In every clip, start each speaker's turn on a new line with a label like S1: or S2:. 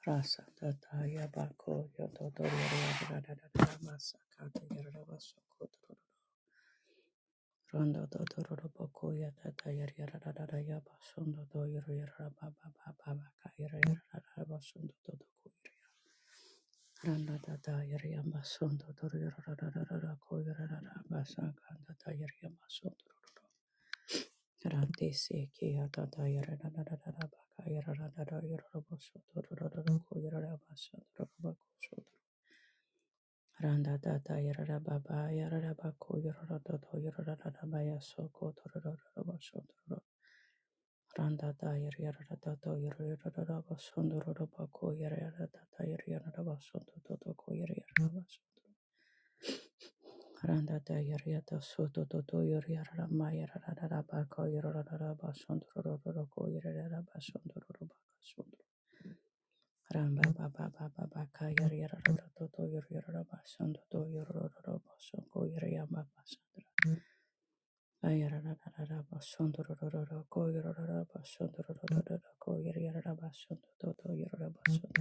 S1: Rasa Rasatataya bako yotodoriyariyariyariyariyara masakatayariyarabasokotoro. Rondododoroboko yatatayariyariyariyariyara basondodoriyariyarababababakayariyariyarabasondododokoyiriya. Randatatayariyambasondodoriyariyariyarabasakatayariyambasondororo. Randisekiyatatayarirarararabakayariyariyariyarabasondororokoyiriyarabasondororo. Randa dada yarara baba yarara bako yarara dodo yarara rara baya soko tororo roba shondoro. Randa da yar yarara dodo yarara rara ba shondoro roba ko yarara dada yar yarara ba shondo dodo ko yar yarara ba shondo. Randa da yar yada soto dodo yar yarara ma yarara rara bako yarara rara ba shondoro roro ko yarara ba shondoro roba Ramba ba ba ba ba ba ka yar yar ro ro to to yara yara ro ba son to to yara ro ro ro ba son ko yar yar ba ba son to ra yara ra ra ra ra ba son to ro ro ro ro ko yar ro ro ro ba son to ro ro ro ro ro ko yara yara ra ba son to to to yara ra ba son to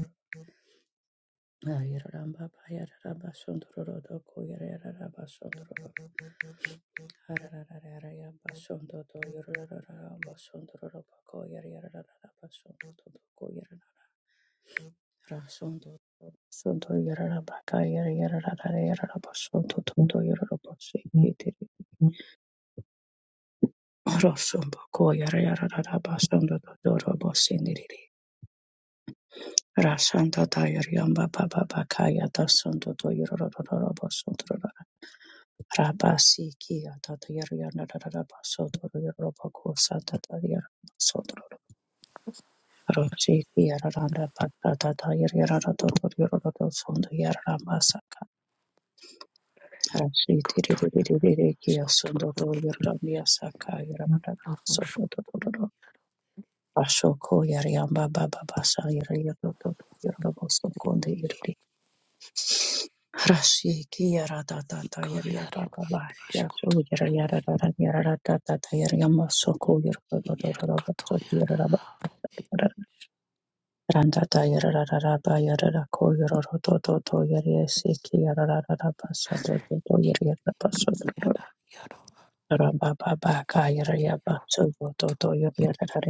S1: ra yara ra ba ba yara ra ba son to ro ro ro ko yar yar ra ba son to ro ro ro ra ra ra ra ra ya ba son to to yara ra ra ra ba son to ro ro ba ko yar yara ra ra ra ba son to to to ko yara ra ra ra son Sunto yarara baka yara yarara rara yarara basunto tunto yarara basi kitiri rosumbo ko yara yarara rara basunto doro basi niriri rasanta ta yara yamba baba baka yata sunto to yarara rara basunto rara rabasi ki yata ta yara yarara rara basunto yarara bako santa ta yara basunto rara rosi ki yara randa baka ta ta yara yarara rara yarara sunto yara raba sa. Rashi tiri tiri
S2: Kotoyas
S1: tiri tiri kia sondo
S2: Kotoyana
S1: to yaramia saka yaramada sondo
S2: Rusko
S1: to to to Ashoko yariamba baba basa yariyato yarabo sokonde iriri rashiki yaratata yariyamba
S2: Ikoyaro
S1: baba yaso
S2: Iskoto
S1: yarayarara yararata yariyamba soko yarabo yarabo soko
S2: Iekotoyana
S1: yarabo randata yararara ba yarara ko yaroro to to to yariyesiki yararara basa to to to
S2: Ikoyana
S1: yariyata
S2: Yaro
S1: Rabba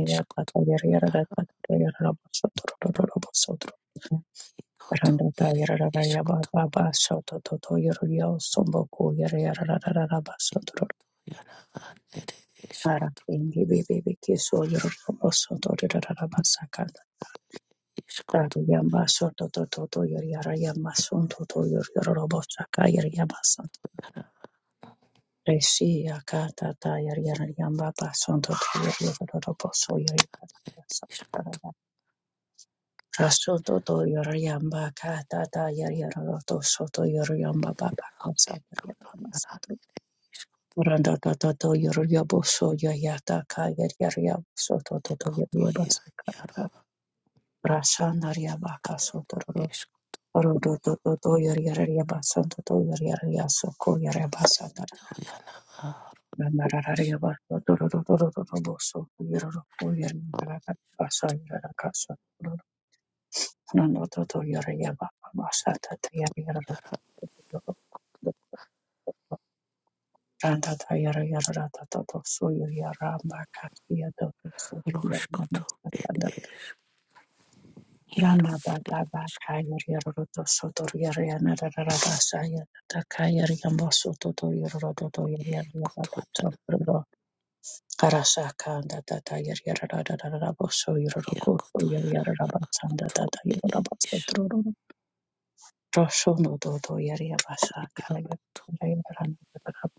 S2: Iskoto Koto Iskoto Yana Nere Iskoto Iskoto
S1: Rishi akata tayari yariyamba basondo toyori yororobo soyori
S2: Iskoto
S1: rasoto toyori yamba kata tayari yaroroto soto yori yamba baba sadar
S2: Ekoto
S1: yarama soto randa tata toyori yabo soya yata kayari yariyam soto toto yori yaba
S2: Ekotoya Yaro
S1: sakara rasana yaba kasoto roro rodo toto toyori yariyaba santo toyori yariyasoko
S2: Iskoyana Ruskoto Ed
S1: Rama
S2: Yaro Ed Iskoto Ikotoyana
S1: Karasaka da da da yar yara da da da da boso yoroko
S2: Iakotoyana
S1: yar Karasakanda
S2: To
S1: tata yararabaso
S2: Is
S1: yororoko yararabatsanda tata yararabaso trororo. Roshono dodo yarabasaka yararabaso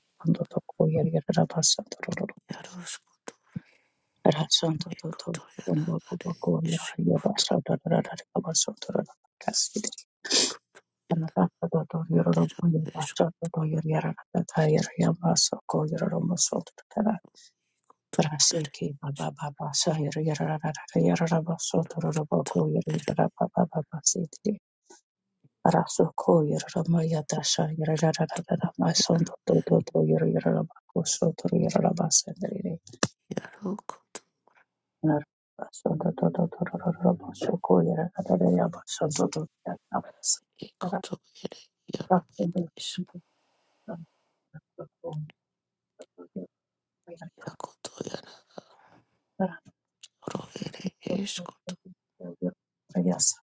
S1: toko yararabaso trororo.
S2: Yaro
S1: Rasondo dodo
S2: Ekoto yana
S1: rombo do
S2: ade ishoto
S1: yarabasa yararabaso trororo. Kasidi. Anatata dodo yororoko
S2: ero
S1: yarabasa
S2: ere
S1: dodo yararabaso ko yararabaso Rasiki Baba Baba Sahiri Yararaba
S2: ishoto
S1: Sotorobaku Yararaba Baba Sitli Rasoko Yaramaya Dasha Yararaba My son Dodo Yararaba Sotor Yararaba Sandri
S2: yaro koto
S1: Rasodoraba Soko Yararaba Sotor Yararaba
S2: ekoto ere yaro ere ishoto yakoto yana ro ere eshoto
S1: Yes.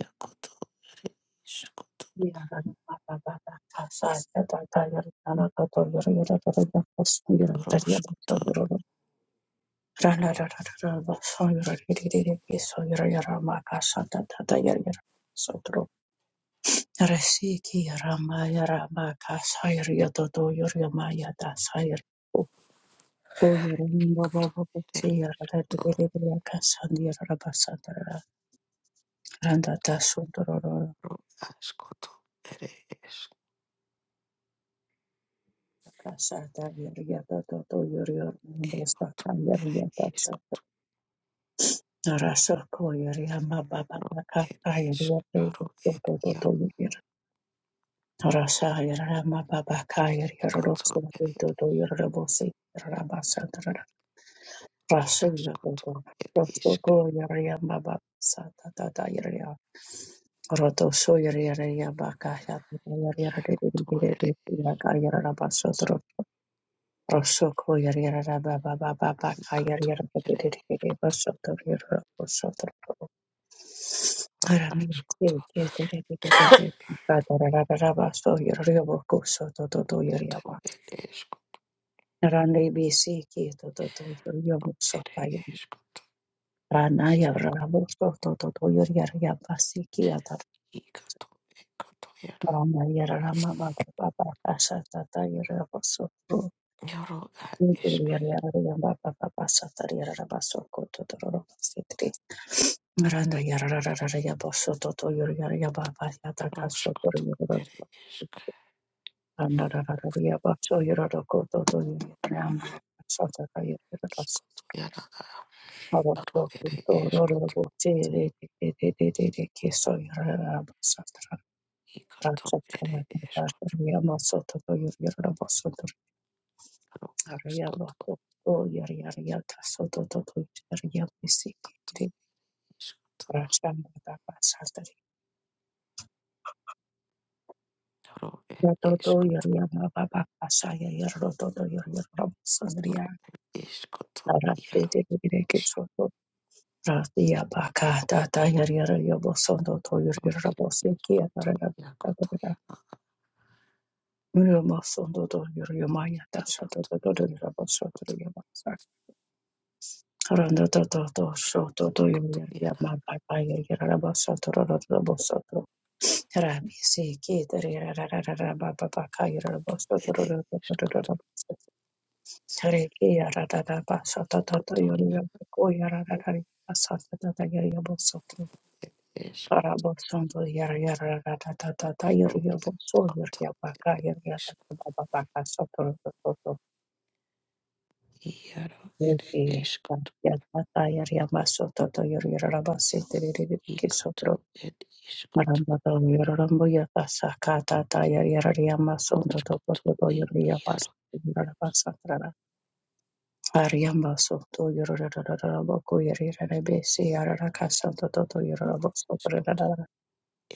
S2: yakoto ere ishoto
S1: Randa
S2: roshoto ere ro ashoto ere es
S1: Kasata yeriata toto yorio
S2: ere
S1: mbosta kayeriata
S2: isko
S1: sata. Tarasa koyeria mababa
S2: ere
S1: kaka
S2: isk
S1: yeriata
S2: ro ere
S1: toto toto
S2: yaro
S1: yorio. Tarasa yeria mababa kayeria
S2: ekoto
S1: rosto
S2: ere
S1: toto yorio bosi rabasa tara.
S2: ro
S1: Rasa
S2: ashoto
S1: yorio
S2: ere
S1: rosto
S2: isk
S1: koyeria mababa sata tata yeria. Roto so yeria baka yata yeria yeria yeria
S2: yakoto ere
S1: yeria yeria yeria yeria Osoko yar yara ba ba ba ba ba ka yar
S2: ikoto
S1: yar ba ba
S2: ere
S1: diri diri
S2: ishkoto
S1: ba soto yara ba soto ara mi se
S2: Ashkoto
S1: ke dere dere dere ba dara dara dara ba so yar yara ba ko soto to to to yar yara ba
S2: ed eshko
S1: ara ne bi se ke to to to yari yara ba so
S2: ed
S1: ta yari
S2: eshko
S1: ara na yara
S2: yako
S1: yara ba so to to to yari yara yara ba se ke ata
S2: ikato ekato yara
S1: ara na yara yara ma ba ba ba ba ka sa ta ta yara yara ba so to
S2: yaro a eshk
S1: yari yara yara ba ba ba ba sa ta yara yara ba so ko to to ro ba se te. Randa yara rara rara yaba soto to yoro yara yaba ba yata ka soto yoro
S2: roshkoto
S1: yoro
S2: ed eshk
S1: randa rara rara yaba so yoro yoro to to yoro yoro soto ka yoro yoro
S2: ito
S1: ras
S2: yara a
S1: hava
S2: aro
S1: to
S2: ed
S1: koto yoro yoro
S2: eshkoto
S1: bo te re te te te te te ke so yoro yoro raba soto rara
S2: ikato
S1: so ka
S2: ed
S1: yoro ba so
S2: eshkoto
S1: yama soto to yoro yoro raba soto
S2: aro
S1: rara yaba
S2: ashkoto
S1: so to yoro yoro yata soto to to yoro yoro yaba se ke re
S2: eshkoto
S1: rasha mata ba soto
S2: yaro ed
S1: Rototo
S2: eshkoto
S1: yanya baba baba saya ya rototo yanya baba
S2: aro
S1: sangria
S2: ed eshkoto
S1: arate
S2: yaro
S1: de de de ke soto rati ya baka tata ya ya ya bosondo to ya ya
S2: eshkoto
S1: rabose ki ya para da da
S2: yakoto
S1: da
S2: yara
S1: muro masondo to ya ya maya ta soto
S2: ikoto
S1: to to ya raboso to
S2: koto
S1: ya basa randa to to to soto to ya
S2: koto
S1: ya ya
S2: yara
S1: ma baba ya ya raboso to ro ro raboso rami se ki ya ya ra baba baka ya raboso to
S2: ed
S1: ro ro ro
S2: eshkoto
S1: ro Tare ke yara da da ba sa ta ta ta
S2: koto
S1: yoru
S2: yara
S1: yoru ko yara da
S2: ed
S1: da ba sa ta ta ta yoru yoru so tro
S2: eshkoto
S1: para bo son do yara yara da da ta ta ta yoru yoru so yoru ya ba ka yoru ya da da ba ba ba ka so tro to to so
S2: Iaro
S1: ni
S2: ere
S1: ke ya ta
S2: eskutu
S1: ya ta ta yoru ya ma so to to yoru yoru ra ra ba se te re re re ke so
S2: ikotu
S1: tro
S2: ed iskutu
S1: maramba to yoru rambo ya ta sa ka ta ta yoru yoru ya ma so to to
S2: oskutu
S1: to to
S2: i
S1: yoru ya ba so
S2: iaro
S1: yoru ra ba sa Ariamba soto yorororororabo koyerirarebe siyararaka santo toto
S2: ru
S1: yororobo
S2: eskutu
S1: sotororororo.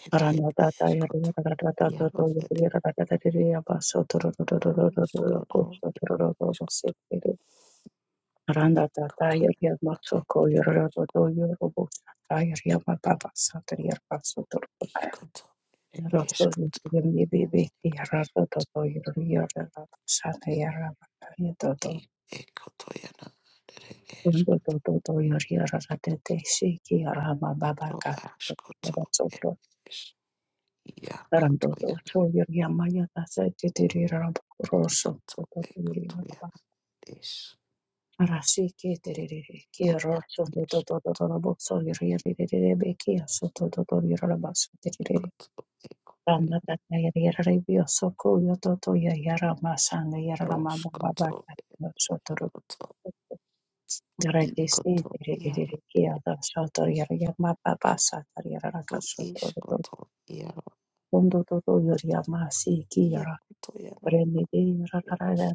S2: ed ed
S1: Aranadata
S2: eskutu
S1: yorororororororo
S2: iaro
S1: toto
S2: ere
S1: yorororororororaba
S2: iaro
S1: sotororororororoko
S2: skono ed
S1: sotorororobo
S2: eskutu
S1: sekere. Aranadata
S2: ikotu iana
S1: yoriyama
S2: ade
S1: soko
S2: iaro
S1: yorororororo yorobo sata yoriyama baba satoriyaraba sotorororo.
S2: ikotu ere
S1: Rosto
S2: eskutu
S1: yoriyamibebe yararatoto yorororororaba satayaraba yototo.
S2: i ekotu iana ere
S1: Rondo
S2: eskutu
S1: toto to to yori rara tete shiki rama baba
S2: ro
S1: ka
S2: askutu
S1: baba
S2: ed
S1: sopro
S2: es iaro
S1: rando
S2: kotu
S1: to
S2: iana
S1: to yori amaya ta se tete rama rosso
S2: ikotu
S1: to to to yori
S2: ekotu
S1: nakwa
S2: iana es
S1: rashi ke tere ke rosso to
S2: ro
S1: to to rama so yori yori yori be ke so to to to yori rama so tere
S2: ikoto ekoto ya
S1: randa ta ta yori yori bio so ko yo toto yori rama sanga yori rama baba
S2: roshkoto
S1: ka
S2: koto
S1: Janet,
S2: ikoto yara ro ishkoto yara yakoto yara yash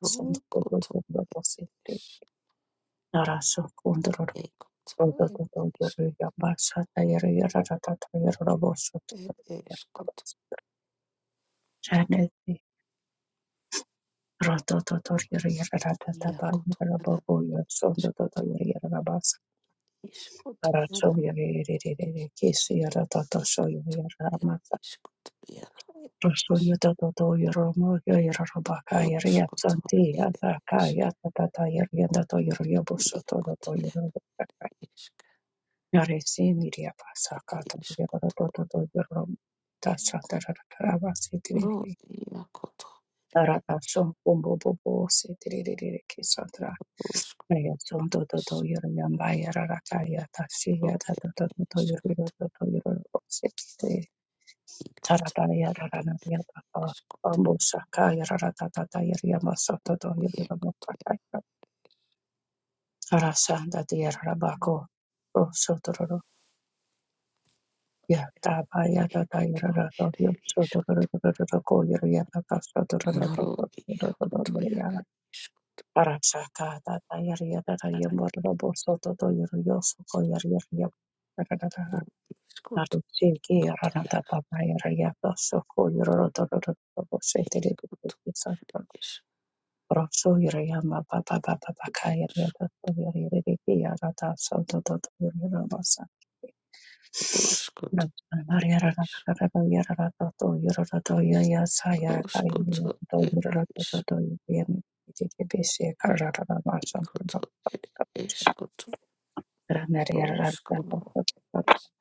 S2: ro koto ish ekoto em ishko em ishkoto yakoto yara ishkoto ishkoto yara
S1: Aracoyerere kesi yaratata shoyere
S2: ekoto em
S1: yaramata.
S2: ishkoto yara em ish
S1: Rasoyata tato
S2: roshkoto yara ish yakoto yara ishka ishkoto ro yakoto Rusk iskro isk ikot
S1: Tarataya
S2: iaro
S1: Ranaria
S2: iskot
S1: Bambusaka Yaratata Yamasoto
S2: ieko
S1: Yamasaka Tarasanda Dear Rabako Rosotoro Yataba Yatata
S2: iekoto
S1: Yarata
S2: ere iskot
S1: Yotsotoko Yariata
S2: noro
S1: Sotorabako
S2: iekoto iara iskot
S1: Tarasaka Tata Yariata Yamorabo Soto Yosoko Yaria
S2: ro iskot
S1: Narishinki
S2: ikoto
S1: Ranata
S2: iara
S1: Papa Yariata Soko Yorotoro Setiri
S2: iekoto isko
S1: Rosso Yuriyama Baba Baba Bakaya Yada Yarata Soto Yuramasa
S2: iskroskot ere
S1: Mariara Yarata Yurata Yaya Saya
S2: iskroskoto
S1: Karimurato
S2: ere
S1: Yurata
S2: isk
S1: Yuriyami Bisi Karata Masa
S2: ikoto ere iskoto
S1: Ranariara
S2: roskono isk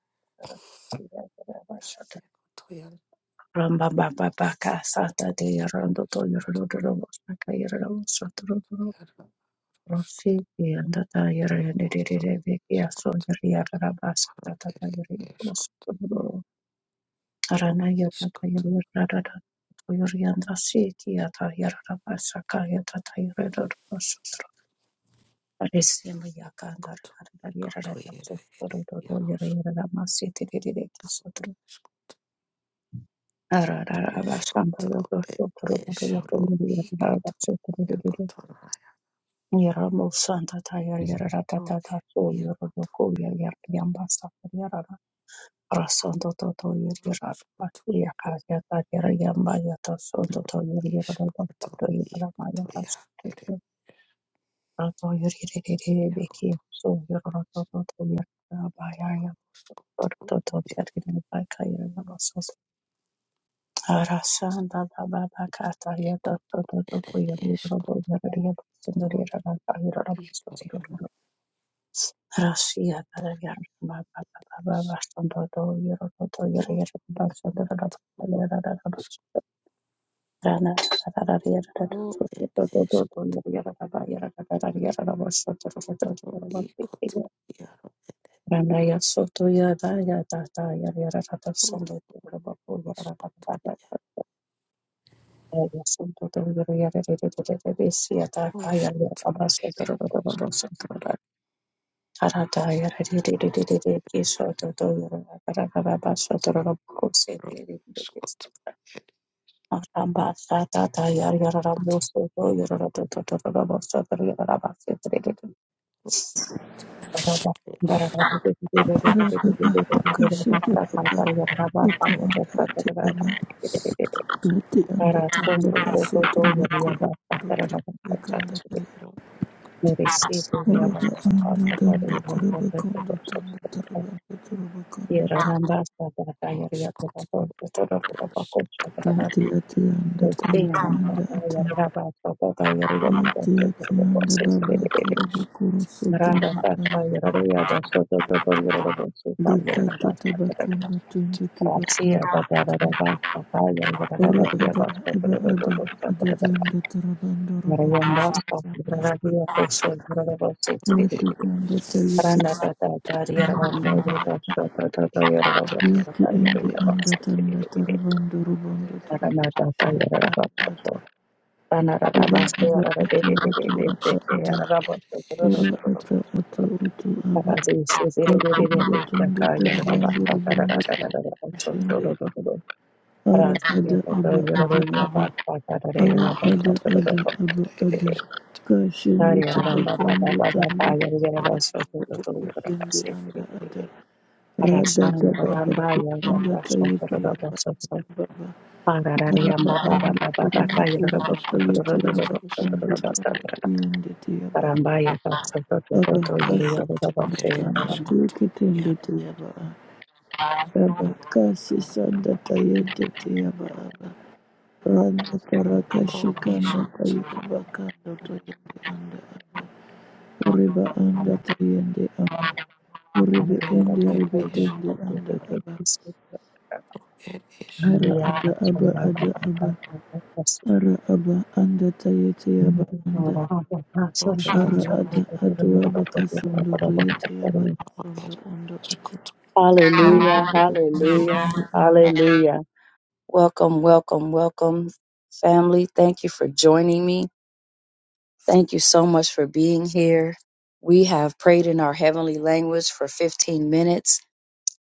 S2: iekoto iara
S1: Ramba Baba Baka Sata de Yarando
S2: isk
S1: Yurado Masa Kairado
S2: iara roskono
S1: Rafiki andata yere dededede beki aso
S2: iskot
S1: yeri yarara basa tatata
S2: ere
S1: yeri osu
S2: iskot
S1: kuduro. Arana yatata
S2: Iskoto,
S1: yeri yarada to yeri andasi ki yata yarara basa ka yatata yeri dodo sutro. Arisima yaka andara
S2: koto,
S1: yarada yarara
S2: ikoto,
S1: tatsu
S2: ere, ere,
S1: kududodo yeri
S2: yarosh,
S1: yarara masi tededede ki sutro. Arara basa mbalo
S2: ikoto,
S1: dodo
S2: e,
S1: kuduro dodo
S2: esharo,
S1: kumiri yarara
S2: ikoto,
S1: basa te de
S2: yakoto, nayaro,
S1: Yaramo Santa Taya Yarada
S2: e,
S1: Dada So
S2: yakoto,
S1: Yoroko Yar Yambasa Yarada Rasondo Toto Yarada
S2: roshkoto, e,
S1: Yaka Yata Yarayamba Yata Sondo
S2: taro,
S1: To Yarada
S2: ishkoto,
S1: Pato Yarama
S2: ikoto,
S1: Yata
S2: ya, ere,
S1: Soto Rato Yariri Beki
S2: yakoto,
S1: So Yorada Toto Yarada Bayaya
S2: roshkoto,
S1: Toto
S2: ya,
S1: Yarada Baka Yarada Soto Arasanda Baba Kata Yata
S2: ikoto,
S1: Toto
S2: ere,
S1: Yarada
S2: eshkoto,
S1: Yarada Sondo
S2: rosh,
S1: Yarada Yarada
S2: ikori,
S1: Russia tada
S2: anato,
S1: gerai ba ba ba ba ba ba aš ten daugiau ir to ir
S2: roshko, e, eshko, ikoto, yaro, e, roshkoto,
S1: ir
S2: Escuto, eres, escuto,
S1: balsą dar
S2: escuto, eres, la pato es,
S3: Rababa kasete baba utu anda ate baba duti
S2: ya
S3: anda tanda baso turuba kurundo turuba kanda kaya
S2: lo escuto, ro,
S1: Receive the
S2: escuto, lo
S3: Rababa
S1: avance of
S2: escuto,
S3: anda danda turuba kundo tanda
S1: God,
S3: turuba anda turuba kanda ate
S1: Rayon
S2: ro, escuto, lo escuto, ro, eres,
S3: Yati ate anda
S2: escuto,
S3: tayiti anda ate Yati ate anda
S2: ya lo escuto,
S3: baba
S2: eres,
S3: kuruba kuru sotu anda kaya Dika tuta bakundo tundi kiba anda ate Ra'ada Ibaada Dadanda Tarabanda Robokosa
S1: basta,
S3: Randa
S2: escuto,
S3: Yaki Kanda
S2: eres, escuto,
S1: Rara
S3: Tayiti
S2: ya lo escuto,
S3: Yaki Indi Anda Tanda Tarabanda Robondo Torobokosa Randa Ura Aba Atu Atu Ata Aba Ura Ata Atu Atu Aba Aku Ando Tondo Tarabanda Robondo Torobokosa Randa Ara Ada Aba Ada Aba Ara ada ada aba ada kashinde
S1: ramba baba
S3: tabakondo
S1: baba
S3: tanda
S1: baba yara ba ta ta yara so so so so yara
S3: koshinde anda
S1: basi.
S3: ada rada da
S1: Arasaya
S3: baba
S1: Rambaya
S3: anda tayete ya
S1: Sotra
S3: ba
S1: Sotra
S3: anda baba yara ba
S1: Parariamba Baba
S3: anda
S1: Baba
S3: koroba kondo
S1: Baba Sotra
S3: tayete
S2: escuto, eres,
S3: ya ba kondo
S2: escuto,
S3: tanda
S1: Basatra
S3: tiyende te ya ba
S1: Rambaya Sotra
S3: aba
S1: Toto
S3: kasa
S2: escuto,
S3: sanda
S1: Yorubashe
S2: eres,
S3: tanda
S1: Aram
S2: escuto,
S3: teke tende
S2: ya
S3: te aba kasi sanda tayete te ya aba Randa karaka
S2: lo
S3: shikanda kayuka
S2: escuto,
S3: bakando toyende anda. Uriba anda toyende
S1: and
S3: ende
S1: Yeroboko
S3: ribe
S1: Yerobos,
S3: tende anda aba.
S2: escuto,
S1: and the
S3: Ara aba
S1: Yatatson
S3: aba ada aba. Ara aba anda tayete aba anda.
S1: Baba
S2: Amen.
S3: Ara ada adua baka sundo
S1: Baba
S3: toyete aba sundo undo ati.
S1: Hallelujah, hallelujah, hallelujah. Welcome, welcome, welcome, family. Thank you for joining me. Thank you so much for being here. We have prayed in our heavenly language for 15 minutes.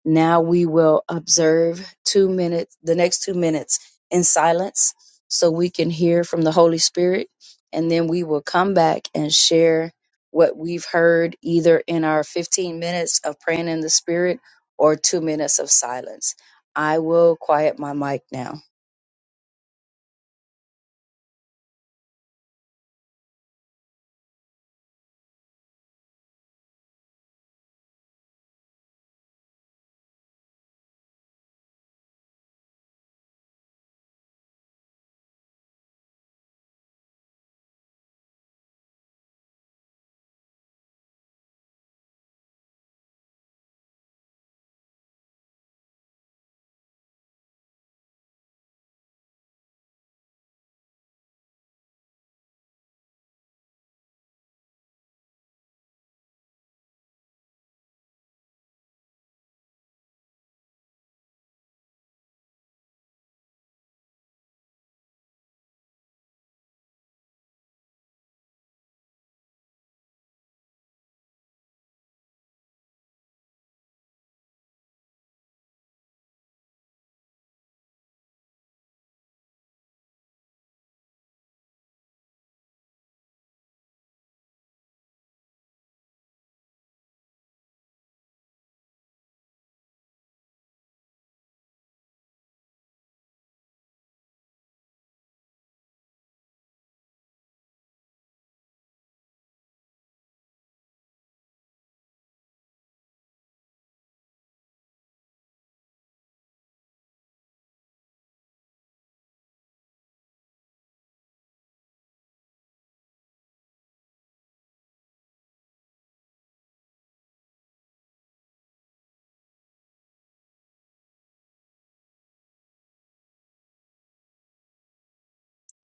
S1: Now we will observe two minutes, the next two minutes in silence so we can hear from the Holy Spirit. And then we will come back and share what we've heard either in our 15 minutes of praying in the Spirit or two minutes of silence. I will quiet my mic now.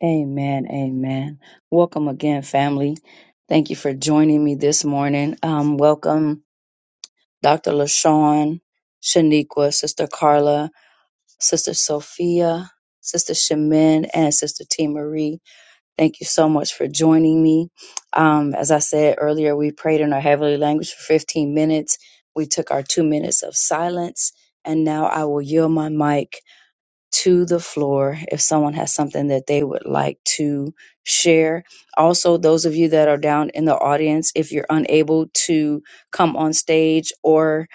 S1: Amen. Amen. Welcome again, family. Thank you for joining me this morning. Um, welcome, Dr. LaShawn, Shaniqua, Sister Carla, Sister Sophia, Sister Shemin, and Sister T. Marie. Thank you so much for joining me. Um, as I said earlier, we prayed in our heavenly language for 15 minutes. We took our two minutes of silence, and now I will yield my mic to the floor if someone has something that they would like to share. Also, those of you that are down in the audience, if you're unable to come on stage or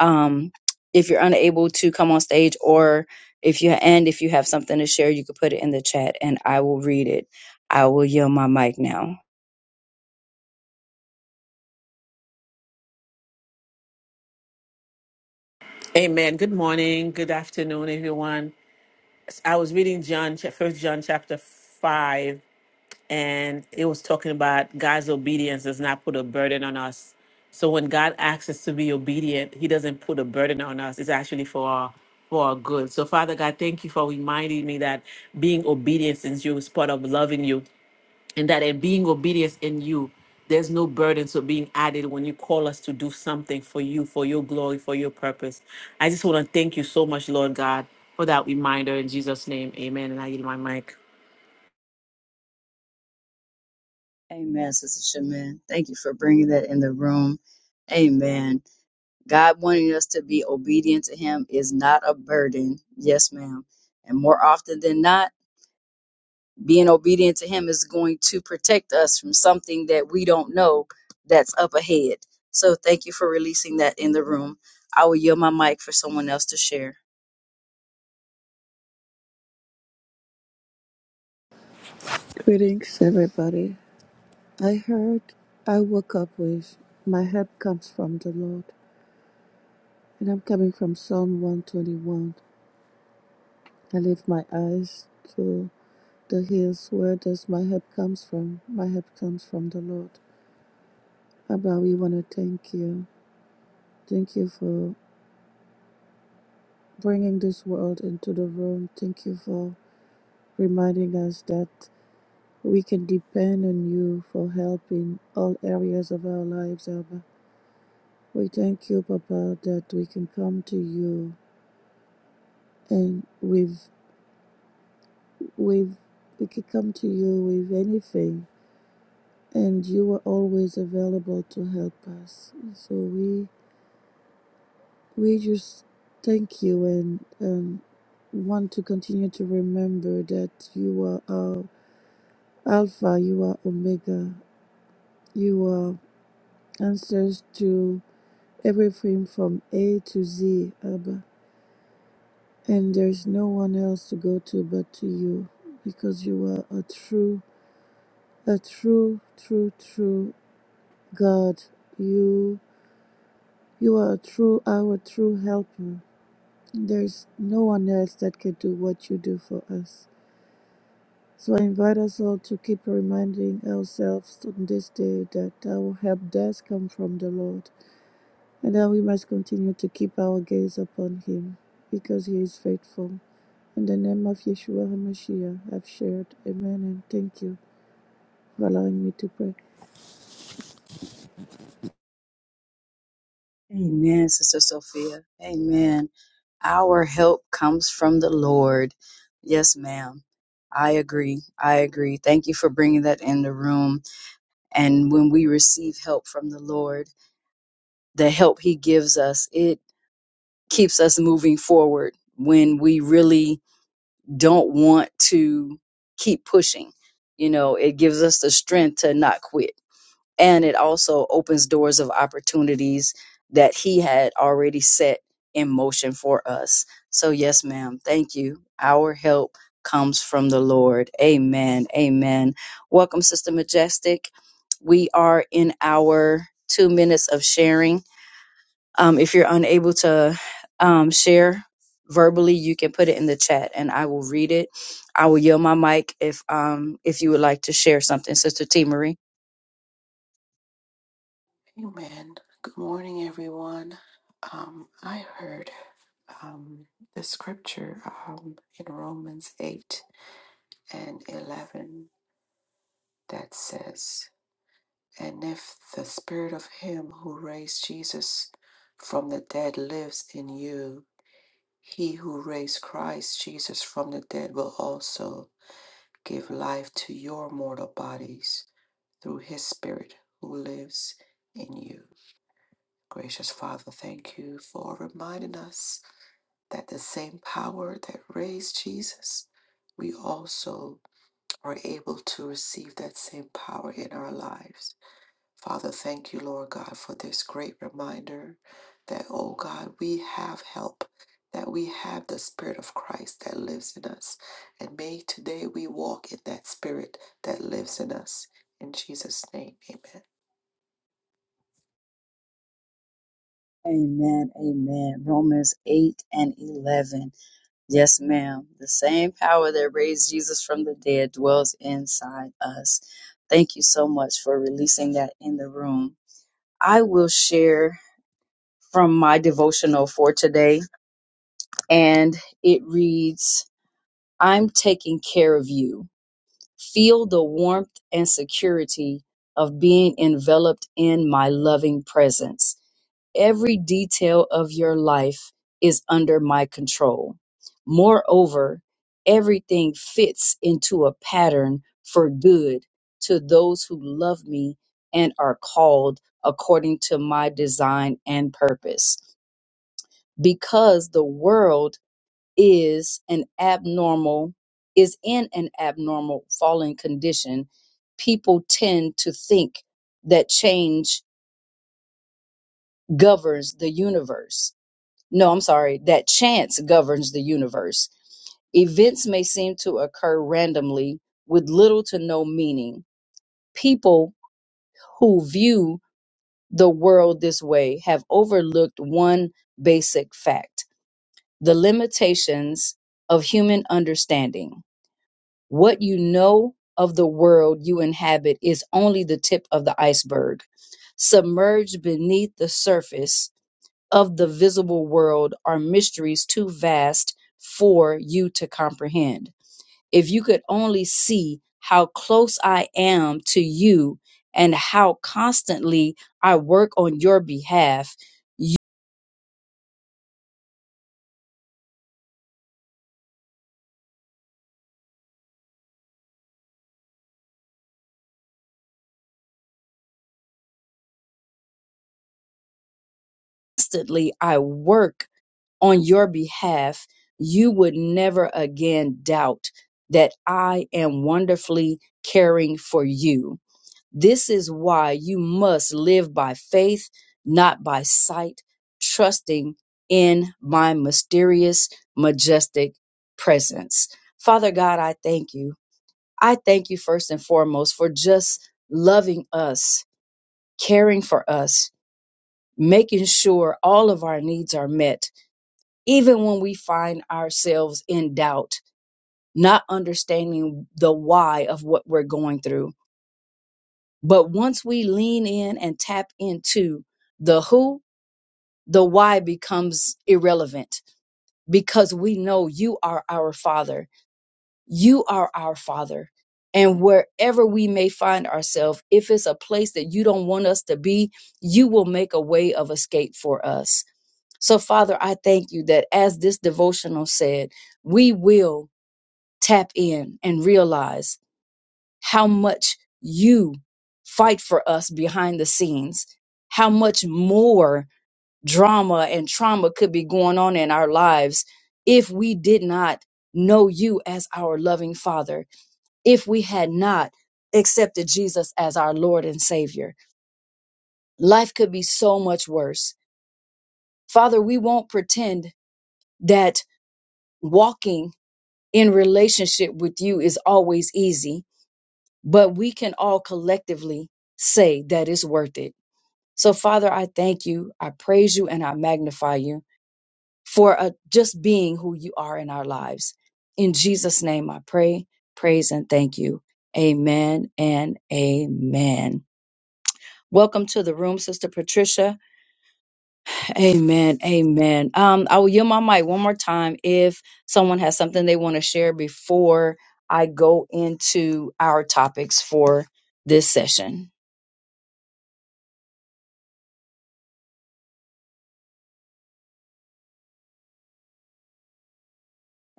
S1: um, if you're unable to come on stage or if you and if you have something to share, you could put it in the chat and I will read it. I will yield my mic now.
S4: Amen. Good morning. Good afternoon, everyone. I was reading John, First John, chapter five, and it was talking about God's obedience does not put a burden on us. So when God asks us to be obedient, He doesn't put a burden on us. It's actually for our for our good. So Father God, thank you for reminding me that being obedient is you is part of loving you and that in being obedience in you, there's no burdens of being added when you call us to do something for you, for your glory, for your purpose. I just want to thank you so much, Lord God, for that reminder in Jesus' name. Amen. And I yield my mic.
S1: Amen, Sister Shaman. Thank you for bringing that in the room. Amen. God wanting us to be obedient to Him is not a burden. Yes, ma'am. And more often than not, being obedient to Him is going to protect us from something that we don't know that's up ahead. So thank you for releasing that in the room. I will yield my mic for someone else to share.
S3: Greetings, everybody. I heard I woke up with my help comes from the Lord. And I'm coming from Psalm 121. I lift my eyes to the hills. Where does my help comes from? My help comes from the Lord. Abba, we want to thank you. Thank you for bringing this world into the room. Thank you for reminding us that we can depend on you for help in all areas of our lives, Abba. We thank you, Papa, that we can come to you and with with we can come to you with anything and you were always available to help us. So we we just thank you and um, want to continue to remember that you are our Alpha, you are Omega, you are answers to everything from A to Z, Abba. And there's no one else to go to but to you, because you are a true, a true, true, true God. You you are a true, our true helper There's no one else that could do what you do for us. So I invite us all to keep reminding ourselves on this day that our help does come from the Lord and that we must continue to keep our gaze upon Him because He is faithful. In the name of Yeshua HaMashiach, I've shared. Amen and thank you for allowing me to pray.
S1: Amen, Sister Sophia. Amen. Our help comes from the Lord. Yes, ma'am. I agree. I agree. Thank you for bringing that in the room. And when we receive help from the Lord, the help he gives us it keeps us moving forward when we really don't want to keep pushing you know it gives us the strength to not quit and it also opens doors of opportunities that he had already set in motion for us so yes ma'am thank you our help comes from the lord amen amen welcome sister majestic we are in our 2 minutes of sharing um, if you're unable to um, share verbally, you can put it in the chat, and I will read it. I will yield my mic if um, if you would like to share something, Sister T Marie.
S2: Good morning, everyone. Um, I heard um, the scripture um, in Romans 8 and 11 that says, And if the spirit of him who raised Jesus from the dead lives in you, he who raised Christ Jesus from the dead will also. give life to your mortal bodies through his spirit who lives in you. Gracious Father, thank you for reminding us that the same power that raised Jesus, we also are able to receive that same power in our lives. Father, thank you, Lord God, for this great reminder that, oh God, we have help, that we have the Spirit of Christ that lives in us. And may today we walk in that Spirit that lives in us. In Jesus' name, amen.
S1: Amen. Amen. Romans 8 and 11. Yes, ma'am. The same power that raised Jesus from the dead dwells inside us. Thank you so much for releasing that in the room. I will share from my devotional for today, and it reads I'm taking care of you. Feel the warmth and security of being enveloped in my loving presence. Every detail of your life is under my control. Moreover, everything fits into a pattern for good to those who love me and are called according to my design and purpose. Because the world is an abnormal is in an abnormal falling condition people tend to think that change governs the universe no i'm sorry that chance governs the universe events may seem to occur randomly with little to no meaning people who view the world this way have overlooked one basic fact the limitations of human understanding What you know of the world you inhabit is only the tip of the iceberg. Submerged beneath the surface of the visible world are mysteries too vast for you to comprehend. If you could only see how close I am to you and how constantly I work on your behalf, you- constantly I work on your behalf, you would never again doubt that I am wonderfully caring for you. This is why you must live by faith, not by sight, trusting in my mysterious, majestic presence. Father God, I thank you. I thank you first and foremost for just loving us, caring for us, making sure all of our needs are met even when we find ourselves in doubt, not understanding the why of what we're going through. But once we lean in and tap into the who, the why becomes irrelevant because we know you are our Father. You are our Father. And wherever we may find ourselves, if it's a place that you don't want us to be, you will make a way of escape for us. So, Father, I thank you that as this devotional said, we will tap in and realize how much you fight for us behind the scenes, how much more drama and trauma could be going on in our lives if we did not know you as our loving Father, if we had not accepted Jesus as our Lord and Savior. Life could be so much worse. Father, we won't pretend that walking in relationship with you is always easy but we can all collectively say that it's worth it. So, Father, I thank you, I praise you, and I magnify you for uh, just being who you are in our lives. In Jesus' name, I pray, praise, and thank you. Amen and amen. Welcome to the room, Sister Patricia. Amen. Amen. Um, I will yield my mic one more time if someone has something they want to share before I go into our topics for this session.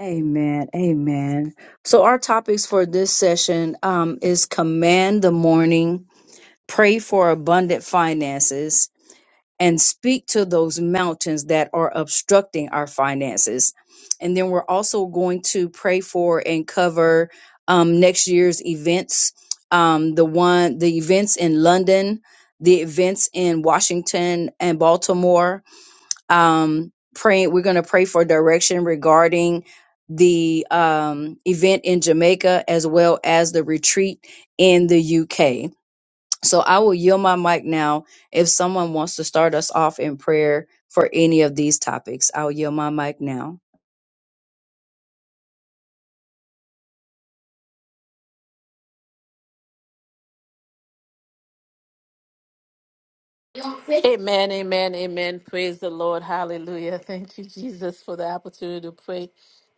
S1: Amen. Amen. So our topics for this session um, is command the morning, pray for abundant finances, and speak to those mountains that are obstructing our finances. And then we're also going to pray for and cover um, next year's events. Um, the one, the events in London, the events in Washington and Baltimore, um, praying. We're going to pray for direction regarding the um, event in Jamaica as well as the retreat in the UK. So I will yield my mic now if someone wants to start us off in prayer for any of these topics. I'll yield my mic now.
S4: Amen, amen, amen. Praise the Lord. Hallelujah. Thank you, Jesus, for the opportunity to pray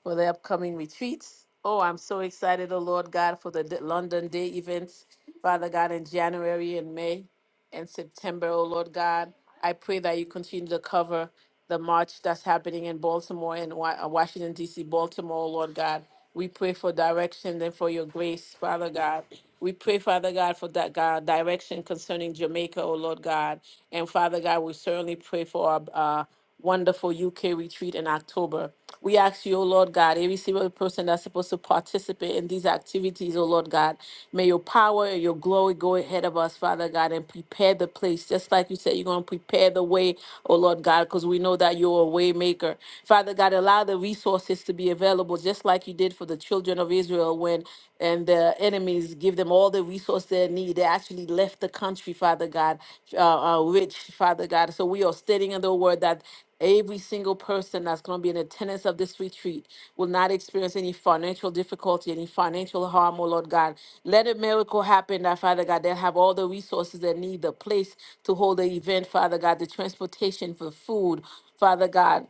S4: for the upcoming retreats. Oh, I'm so excited, oh Lord God, for the D- London Day events, Father God, in January and May. and September, oh Lord God. I pray that you continue to cover the march that's happening in Baltimore and Wa- uh, Washington, D.C., Baltimore, oh Lord God. We pray for direction and for your grace, Father God. We pray, Father God, for that God direction concerning Jamaica, oh Lord God. And Father God, we certainly pray for our. uh, wonderful UK retreat in October. We ask you, O Lord God, every single person that's supposed to participate in these activities, O Lord God, may your power and your glory go ahead of us, Father God, and prepare the place. Just like you said, you're going to prepare the way, O Lord God, because we know that you're a way maker. Father God, allow the resources to be available, just like you did for the children of Israel when and the enemies give them all the resource they need. They actually left the country, Father God, uh, uh, rich, Father God. So we are standing in the word that Every single person that's going to be in attendance of this retreat will not experience any financial difficulty, any financial harm, oh Lord God. Let a miracle happen that, Father God, they'll have all the resources they need, the place to hold the event, Father God, the transportation for food, Father God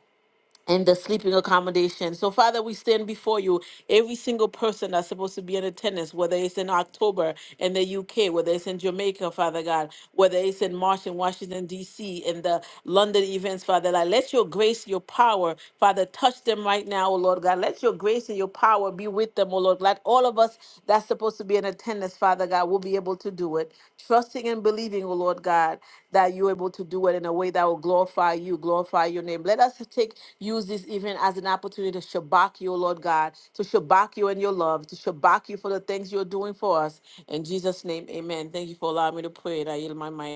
S4: and the sleeping accommodation. So, Father, we stand before you. Every single person that's supposed to be in attendance, whether it's in October in the UK, whether it's in Jamaica, Father God, whether it's in March in Washington, D.C., in the London events, Father God, let your grace, your power, Father, touch them right now, oh Lord God. Let your grace and your power be with them, oh Lord. Let all of us that's supposed to be in attendance, Father God, will be able to do it. Trusting and believing, oh Lord God, that you're able to do it in a way that will glorify you, glorify your name. Let us take use this even as an opportunity to shabak you, Lord God, to shabak you in your love, to shabak you for the things you're doing for us. In Jesus' name, amen. Thank you for allowing me to pray. I yield my mind.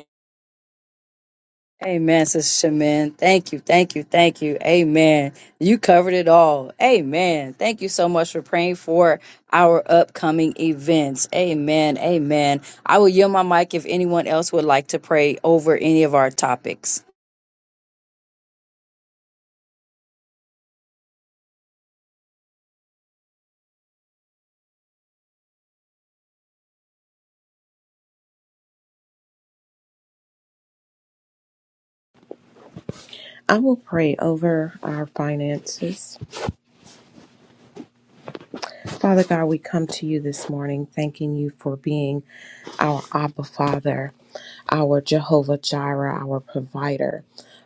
S1: Amen, Sister Shaman. Thank you, thank you, thank you. Amen. You covered it all. Amen. Thank you so much for praying for our upcoming events. Amen, amen. I will yield my mic if anyone else would like to pray over any of our topics.
S5: I will pray over our finances. Father God, we come to you this morning thanking you for being our Abba Father. our Jehovah Jireh, our provider.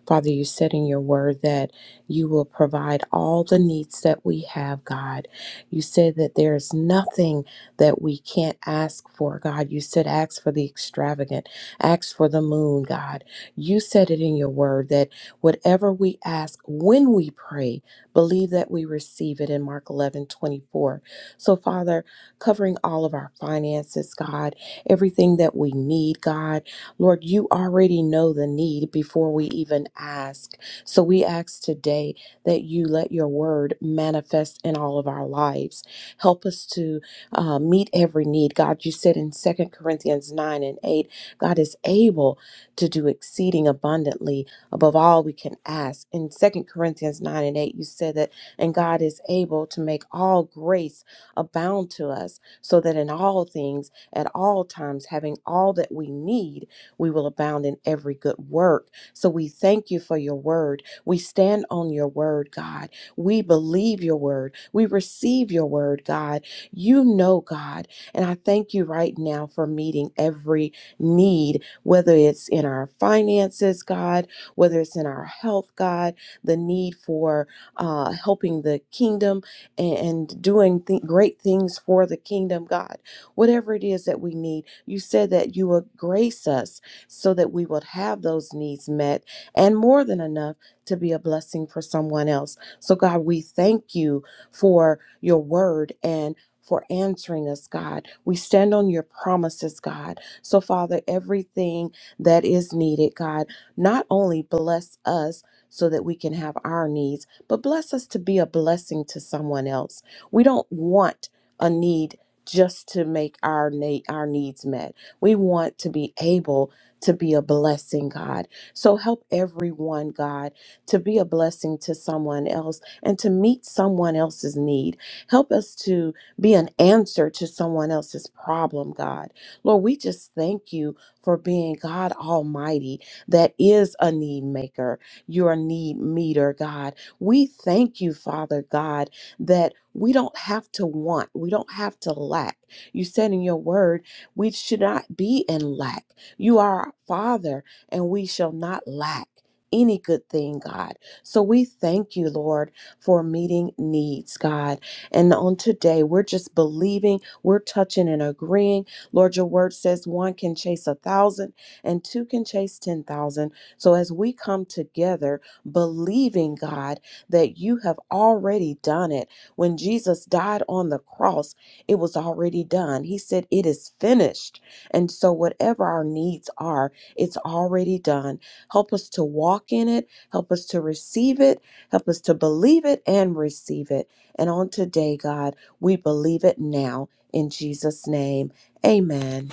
S5: Father, you said in your word that you will provide all the needs that we have, God. You said that there is nothing that we can't ask for, God. You said, ask for the extravagant, ask for the moon, God. You said it in your word that whatever we ask when we pray, believe that we receive it in Mark 11 24. So, Father, covering all of our finances, God, everything that we need, God. Lord, you already know the need before we even ask. So we ask today that you let your word manifest in all of our lives. Help us to uh, meet every need. God, you said in Second Corinthians 9 and 8, God is able to do exceeding abundantly above all we can ask. In Second Corinthians 9 and 8, you said that, and God is able to make all grace abound to us, so that in all things, at all times, having all that we need, we will abound in every good work. So we thank you for your word. We stand on your word, God. We believe your word. We receive your word, God. You know, God. And I thank you right now for meeting every need, whether it's in our finances, God, whether it's in our health, God, the need for uh, helping the kingdom and, and doing th- great things for the kingdom, God. Whatever it is that we need, you said that you would grace us so that we would have those needs met and more than enough to be a blessing for someone else. So, God, we thank you for your word and for answering us, God. We stand on your promises, God. So, Father, everything that is needed, God, not only bless us so that we can have our needs, but bless us to be a blessing to someone else. We don't want a need just to make our na- our needs met. We want to be able to be a blessing, God. So help everyone, God, to be a blessing to someone else and to meet someone else's need. Help us to be an answer to someone else's problem, God. Lord, we just thank you for being God Almighty that is a need maker. You're a need meter, God. We thank you, Father God, that we don't have to want, we don't have to lack. You said in your word, we should not be in lack. You are our Father, and we shall not lack any good thing, God. So we thank you, Lord, for meeting needs, God. And on today, we're just believing, we're touching and agreeing. Lord, your word says one can chase a thousand and two can chase 10,000. So as we come together, believing, God, that you have already done it. When Jesus died on the cross, it was already done. He said, It is finished. And so, whatever our needs are, it's already done. Help us to walk in it, help us to receive it, help us to believe it and receive it. And on today, God, we believe it now in Jesus' name. Amen.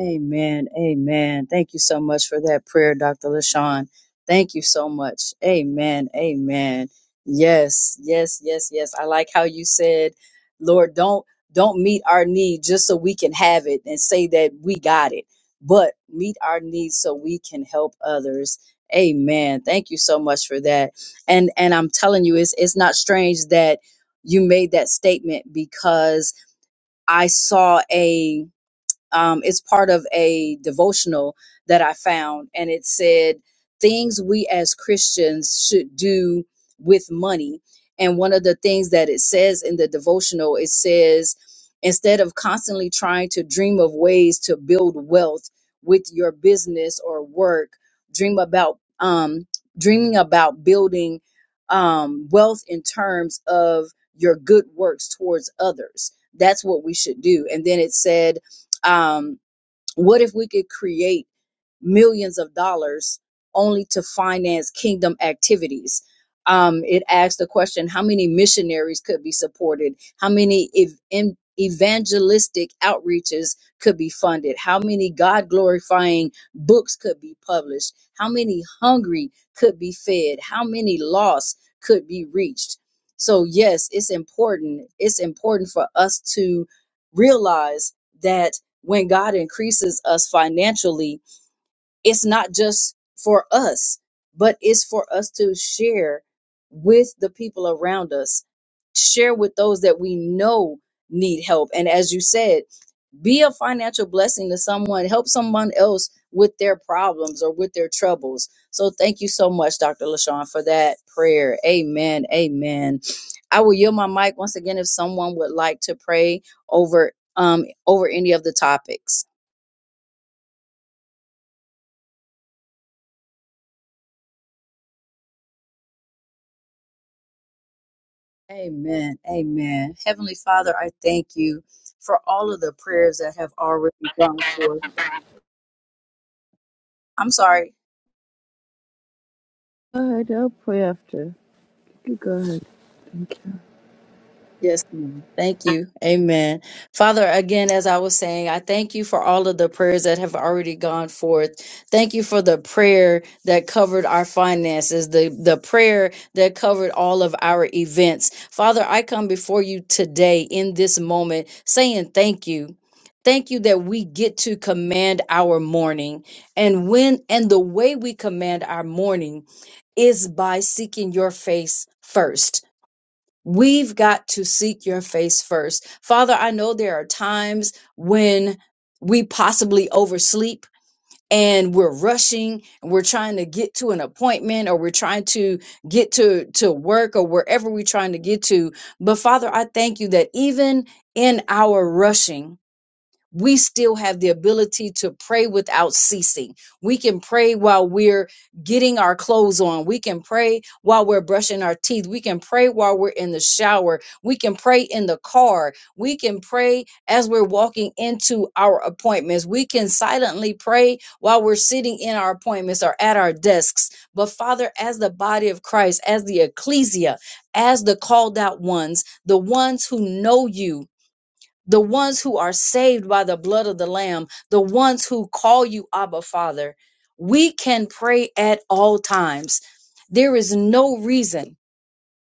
S1: Amen. Amen. Thank you so much for that prayer, Dr. LaShawn. Thank you so much. Amen. Amen. Yes, yes, yes, yes. I like how you said, Lord, don't don't meet our need just so we can have it and say that we got it, but meet our needs so we can help others. Amen. Thank you so much for that. And and I'm telling you, it's it's not strange that you made that statement because I saw a um, it's part of a devotional that I found, and it said things we as Christians should do with money. And one of the things that it says in the devotional, it says, instead of constantly trying to dream of ways to build wealth with your business or work, dream about um, dreaming about building um, wealth in terms of your good works towards others. That's what we should do. And then it said um, what if we could create? millions of dollars only to finance kingdom activities. Um, it asked the question how many missionaries could be supported, how many ev- em- evangelistic outreaches could be funded, how many God glorifying books could be published, how many hungry could be fed, how many lost could be reached. So, yes, it's important. It's important for us to realize that when God increases us financially, it's not just for us, but it's for us to share with the people around us, share with those that we know need help. And as you said, be a financial blessing to someone, help someone else with their problems or with their troubles. So thank you so much, Dr. LaShawn, for that prayer. Amen. Amen. I will yield my mic once again if someone would like to pray over um over any of the topics. Amen. Amen. Heavenly Father, I thank you for all of the prayers that have already gone forth. I'm sorry.
S3: Go ahead, I'll pray after. You go ahead. Thank you.
S1: Yes, ma'am. Thank you. Amen. Father, again, as I was saying, I thank you for all of the prayers that have already gone forth. Thank you for the prayer that covered our finances, the, the prayer that covered all of our events. Father, I come before you today in this moment saying thank you. Thank you that we get to command our morning. And when and the way we command our morning is by seeking your face first. We've got to seek your face first. Father, I know there are times when we possibly oversleep and we're rushing and we're trying to get to an appointment or we're trying to get to to work or wherever we're trying to get to. But Father, I thank you that even in our rushing, we still have the ability to pray without ceasing. We can pray while we're getting our clothes on. We can pray while we're brushing our teeth. We can pray while we're in the shower. We can pray in the car. We can pray as we're walking into our appointments. We can silently pray while we're sitting in our appointments or at our desks. But Father, as the body of Christ, as the ecclesia, as the called out ones, the ones who know you, the ones who are saved by the blood of the Lamb, the ones who call you Abba Father, we can pray at all times. There is no reason,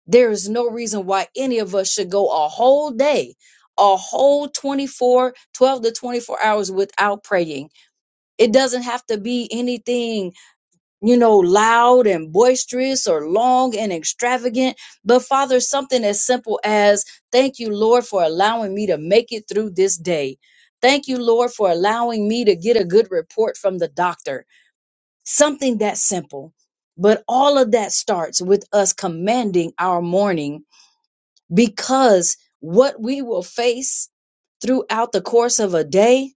S1: there is no reason why any of us should go a whole day, a whole 24, 12 to 24 hours without praying. It doesn't have to be anything you know, loud and boisterous or long and extravagant. But Father, something as simple as thank you, Lord, for allowing me to make it through this day. Thank you, Lord, for allowing me to get a good report from the doctor. Something that simple. But all of that starts with us commanding our morning because what we will face throughout the course of a day,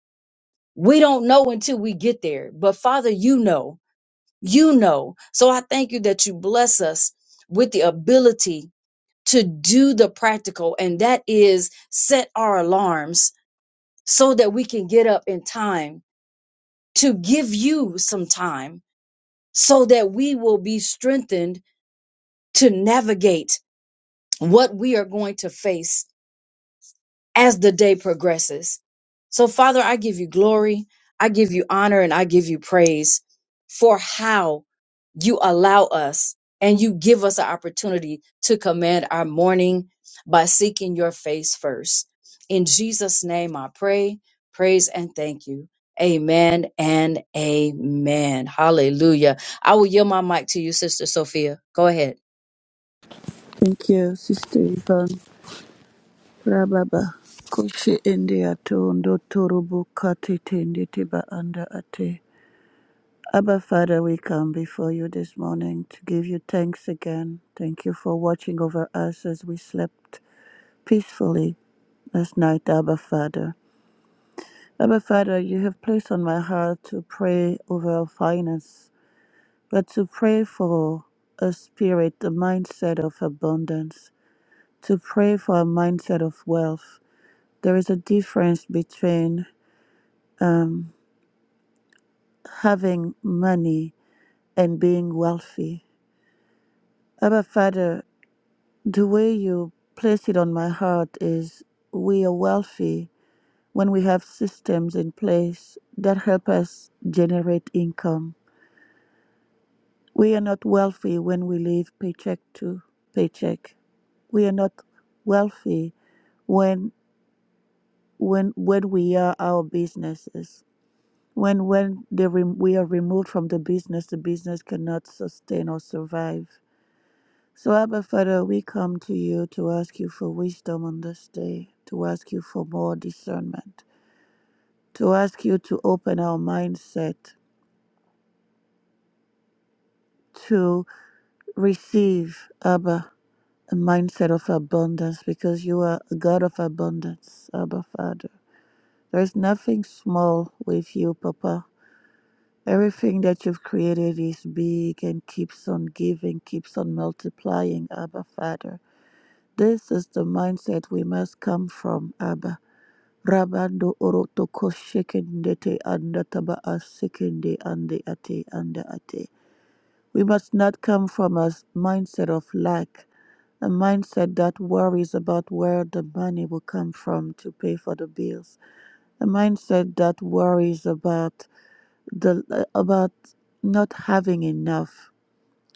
S1: we don't know until we get there. But Father, you know. You know. So I thank you that you bless us with the ability to do the practical, and that is set our alarms so that we can get up in time to give you some time so that we will be strengthened to navigate what we are going to face as the day progresses. So, Father, I give you glory, I give you honor, and I give you praise for how you allow us and you give us an opportunity to command our morning by seeking your face first. In Jesus' name, I pray, praise, and thank you. Amen and amen. Hallelujah. I will yield my mic to you, Sister Sophia. Go ahead.
S3: Thank you, Sister Yvonne. Rababa Koshi India Tondo Torubu Kati Tindi Tiba Anda Ate. Abba Father, we come before you this morning to give you thanks again. Thank you for watching over us as we slept peacefully last night, Abba Father. Abba Father, you have placed on my heart to pray over our finance, but to pray for a spirit, a mindset of abundance, to pray for a mindset of wealth. There is a difference between um, having money and being wealthy. Abba Father, the way you place it on my heart is we are wealthy when we have systems in place that help us generate income. We are not wealthy when we live paycheck to paycheck. We are not wealthy when when when we are our businesses. When when they rem- we are removed from the business, the business cannot sustain or survive So, Abba Father, we come to you to ask you for wisdom on this day, to ask you for more discernment, to ask you to open our mindset to receive, Abba, a mindset of abundance because you are a God of abundance, Abba Father. There's nothing small with you, Papa. Everything that you've created is big and keeps on giving, keeps on multiplying, Abba Father. This is the mindset we must come from, Abba. Rabando oroto koshekendete anda taba asekende ande ate anda ate. We must not come from a mindset of lack, a mindset that worries about where the money will come from to pay for the bills, a mindset that worries about the about not having enough.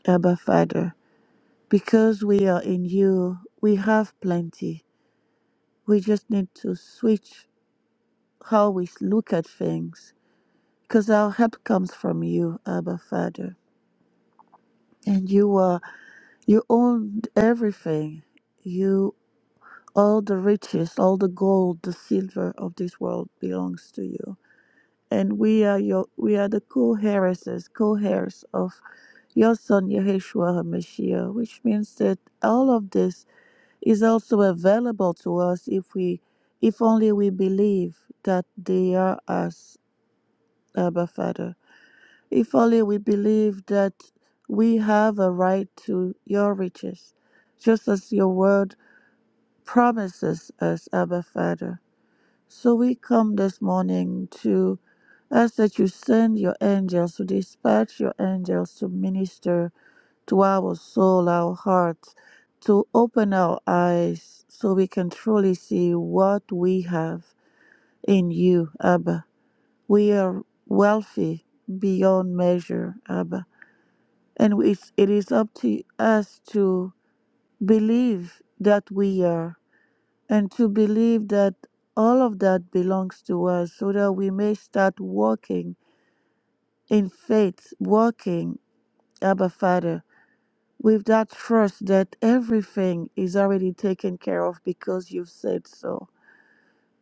S3: Abba Father, because we are in you, we have plenty. We just need to switch how we look at things because our help comes from you, Abba Father. And you are you own everything. You all the riches, all the gold, the silver of this world belongs to you. And we are your we are the co-heiresses, co-heirs of your son Yeshua HaMashiach, which means that all of this is also available to us if we if only we believe that they are us, Abba Father. If only we believe that we have a right to your riches, just as your word promises us, Abba Father. So we come this morning to ask that you send your angels, to dispatch your angels to minister to our soul, our hearts, to open our eyes so we can truly see what we have in you, Abba. We are wealthy beyond measure, Abba and it's, it is up to us to believe that we are and to believe that all of that belongs to us so that we may start walking in faith walking abba father with that trust that everything is already taken care of because you've said so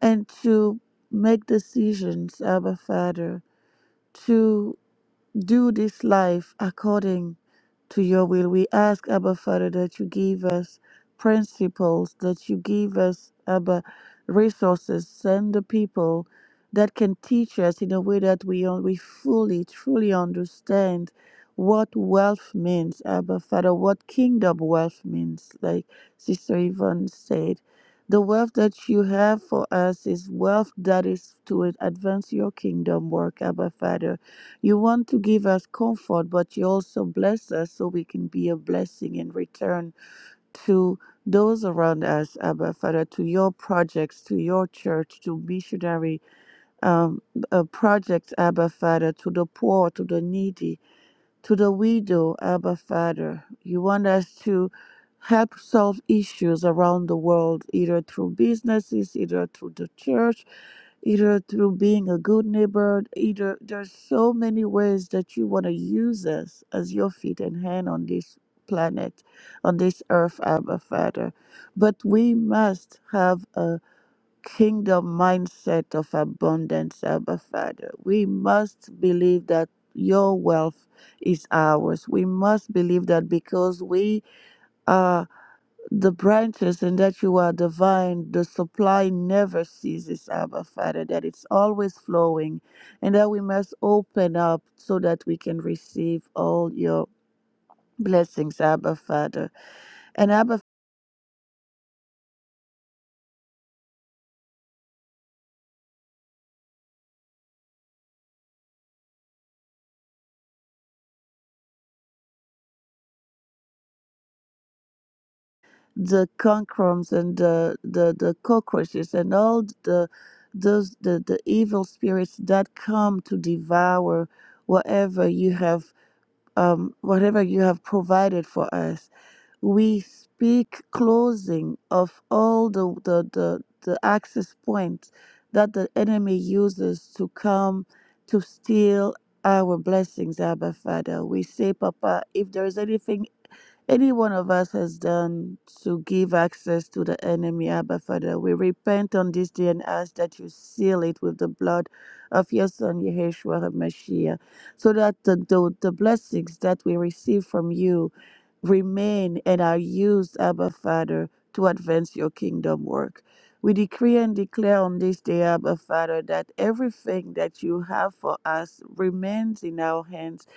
S3: and to make decisions abba father to. do this life according to your will. We ask, Abba Father, that you give us principles, that you give us, Abba, resources, send the people that can teach us in a way that we, un- we fully, truly understand what wealth means, Abba Father, what kingdom wealth means, like Sister Yvonne said. The wealth that you have for us is wealth that is to advance your kingdom work, Abba Father. You want to give us comfort, but you also bless us so we can be a blessing in return to those around us, Abba Father, to your projects, to your church, to missionary um, uh, projects, Abba Father, to the poor, to the needy, to the widow, Abba Father. You want us to help solve issues around the world, either through businesses, either through the church, either through being a good neighbor, either there's so many ways that you want to use us as your feet and hand on this planet, on this earth, Abba Father. But we must have a kingdom mindset of abundance, Abba Father. We must believe that your wealth is ours. We must believe that because we are the branches and that you are divine. The supply never ceases, Abba Father, that it's always flowing, and that we must open up so that we can receive all your blessings, Abba Father. And Abba, the conchorms and the, the, the cockroaches and all the those the, the evil spirits that come to devour whatever you have um whatever you have provided for us we speak closing of all the, the, the, the access points that the enemy uses to come to steal our blessings, Abba Father. We say, Papa, if there is anything any one of us has done to give access to the enemy, Abba Father, we repent on this day and ask that you seal it with the blood of your Son, Yeshua HaMashiach, so that the, the, the blessings that we receive from you remain and are used, Abba Father, to advance your kingdom work. We decree and declare on this day, Abba Father, that everything that you have for us remains in our hands.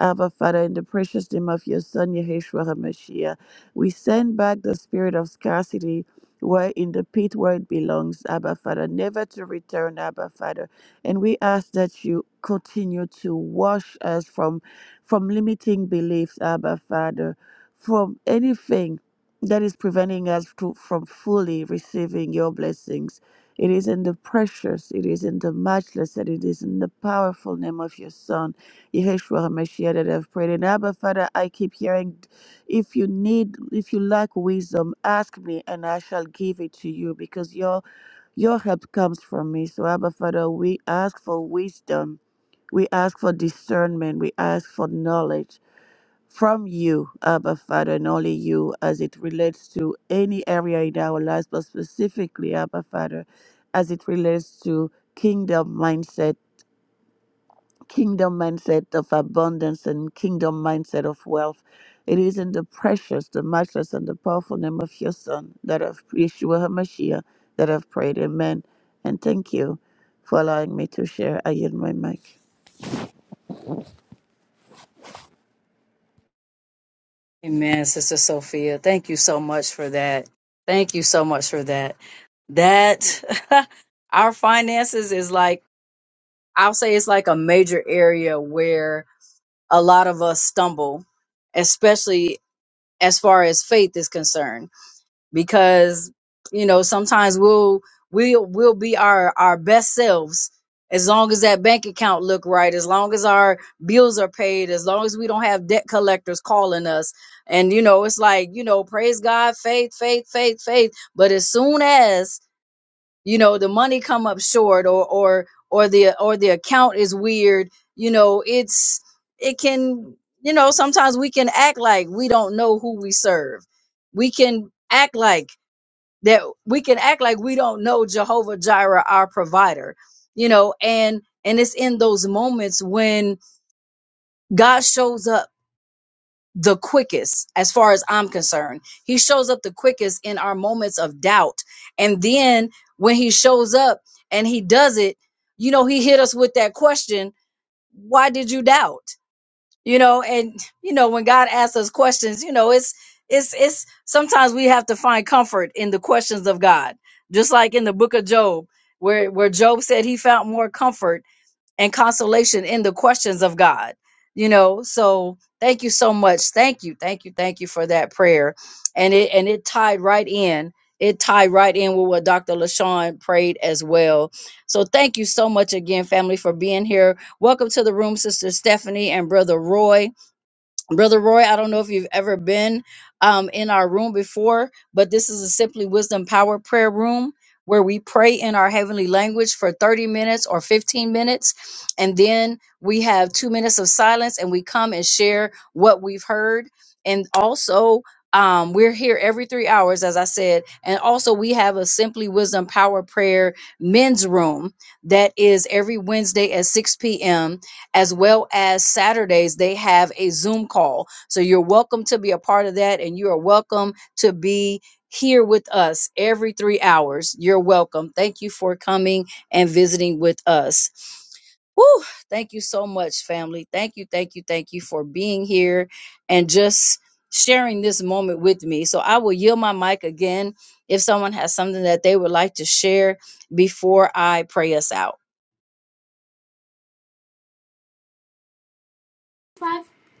S3: Abba Father, in the precious name of your Son, Yeshua HaMashiach, we send back the spirit of scarcity where in the pit where it belongs, Abba Father, never to return, Abba Father. And we ask that you continue to wash us from from limiting beliefs, Abba Father from anything that is preventing us to, from fully receiving your blessings. It is in the precious, it is in the matchless, and it is in the powerful name of your Son, Yeshua HaMashiach, that I've prayed. And Abba, Father, I keep hearing, if you need, if you lack wisdom, ask me, and I shall give it to you, because your your help comes from me. So, Abba, Father, we ask for wisdom. We ask for discernment. We ask for knowledge from you, Abba Father, and only you as it relates to any area in our lives, but specifically, Abba Father, as it relates to kingdom mindset, kingdom mindset of abundance and kingdom mindset of wealth. It is in the precious, the matchless, and the powerful name of your Son, that of Yeshua HaMashiach, that I've prayed. Amen. And thank you for allowing me to share. I yield my mic.
S1: Amen, Sister Sophia. Thank you so much for that. Thank you so much for that. That our finances is like, I'll say it's like a major area where a lot of us stumble, especially as far as faith is concerned because you know sometimes we'll we'll we'll be our our best selves as long as that bank account look right as long as our bills are paid as long as we don't have debt collectors calling us and you know it's like you know praise god faith faith faith faith but as soon as you know the money come up short or or or the or the account is weird you know it's it can you know sometimes we can act like we don't know who we serve we can act like that we can act like we don't know Jehovah Jireh, our provider, you know, and and it's in those moments when God shows up the quickest, as far as I'm concerned. He shows up the quickest in our moments of doubt. And then when he shows up and he does it, you know, he hit us with that question, why did you doubt? you know and you know when god asks us questions you know it's it's it's sometimes we have to find comfort in the questions of god just like in the book of job where where job said he found more comfort and consolation in the questions of God. You know, so thank you so much. Thank you, thank you, thank you for that prayer. And it and it tied right in. It tied right in with what Dr. LaShawn prayed as well. So thank you so much again, family, for being here. Welcome to the room, Sister Stephanie and Brother Roy. Brother Roy, I don't know if you've ever been um, in our room before, but this is a Simply Wisdom Power Prayer Room where we pray in our heavenly language for 30 minutes or 15 minutes. And then we have two minutes of silence and we come and share what we've heard. And also, um, we're here every three hours, as I said. And also, we have a Simply Wisdom Power Prayer men's room that is every Wednesday at 6 p.m as well as Saturdays, they have a Zoom call. So you're welcome to be a part of that, and you are welcome to be here with us every three hours. You're welcome. Thank you for coming and visiting with us. Whew, thank you so much, family. Thank you, thank you, thank you for being here and just sharing this moment with me. So I will yield my mic again if someone has something that they would like to share before I pray us out.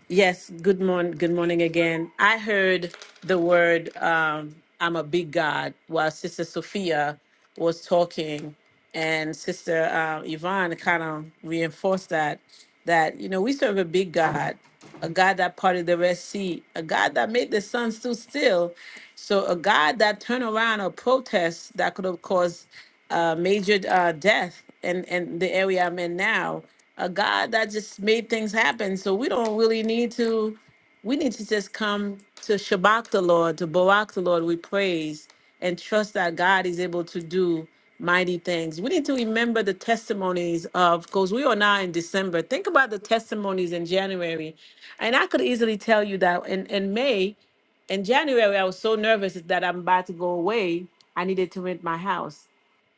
S4: Yes, good morning. Good morning again. I heard the word um, "I'm a big God" while Sister Sophia was talking, and Sister uh, Yvonne kind of reinforced that that you know we serve a big God, a God that parted the Red Sea, a God that made the sun stood still, so a God that turned around a protest that could have caused uh, major uh, death and and the area I'm in now, a God that just made things happen. So we don't really need to. We need to just come to Shabbat the Lord, to Barak the Lord. We praise and trust that God is able to do mighty things. We need to remember the testimonies of, because we are now in December. Think about the testimonies in January, and I could easily tell you that in in May, in January, I was so nervous that I'm about to go away. I needed to rent my house.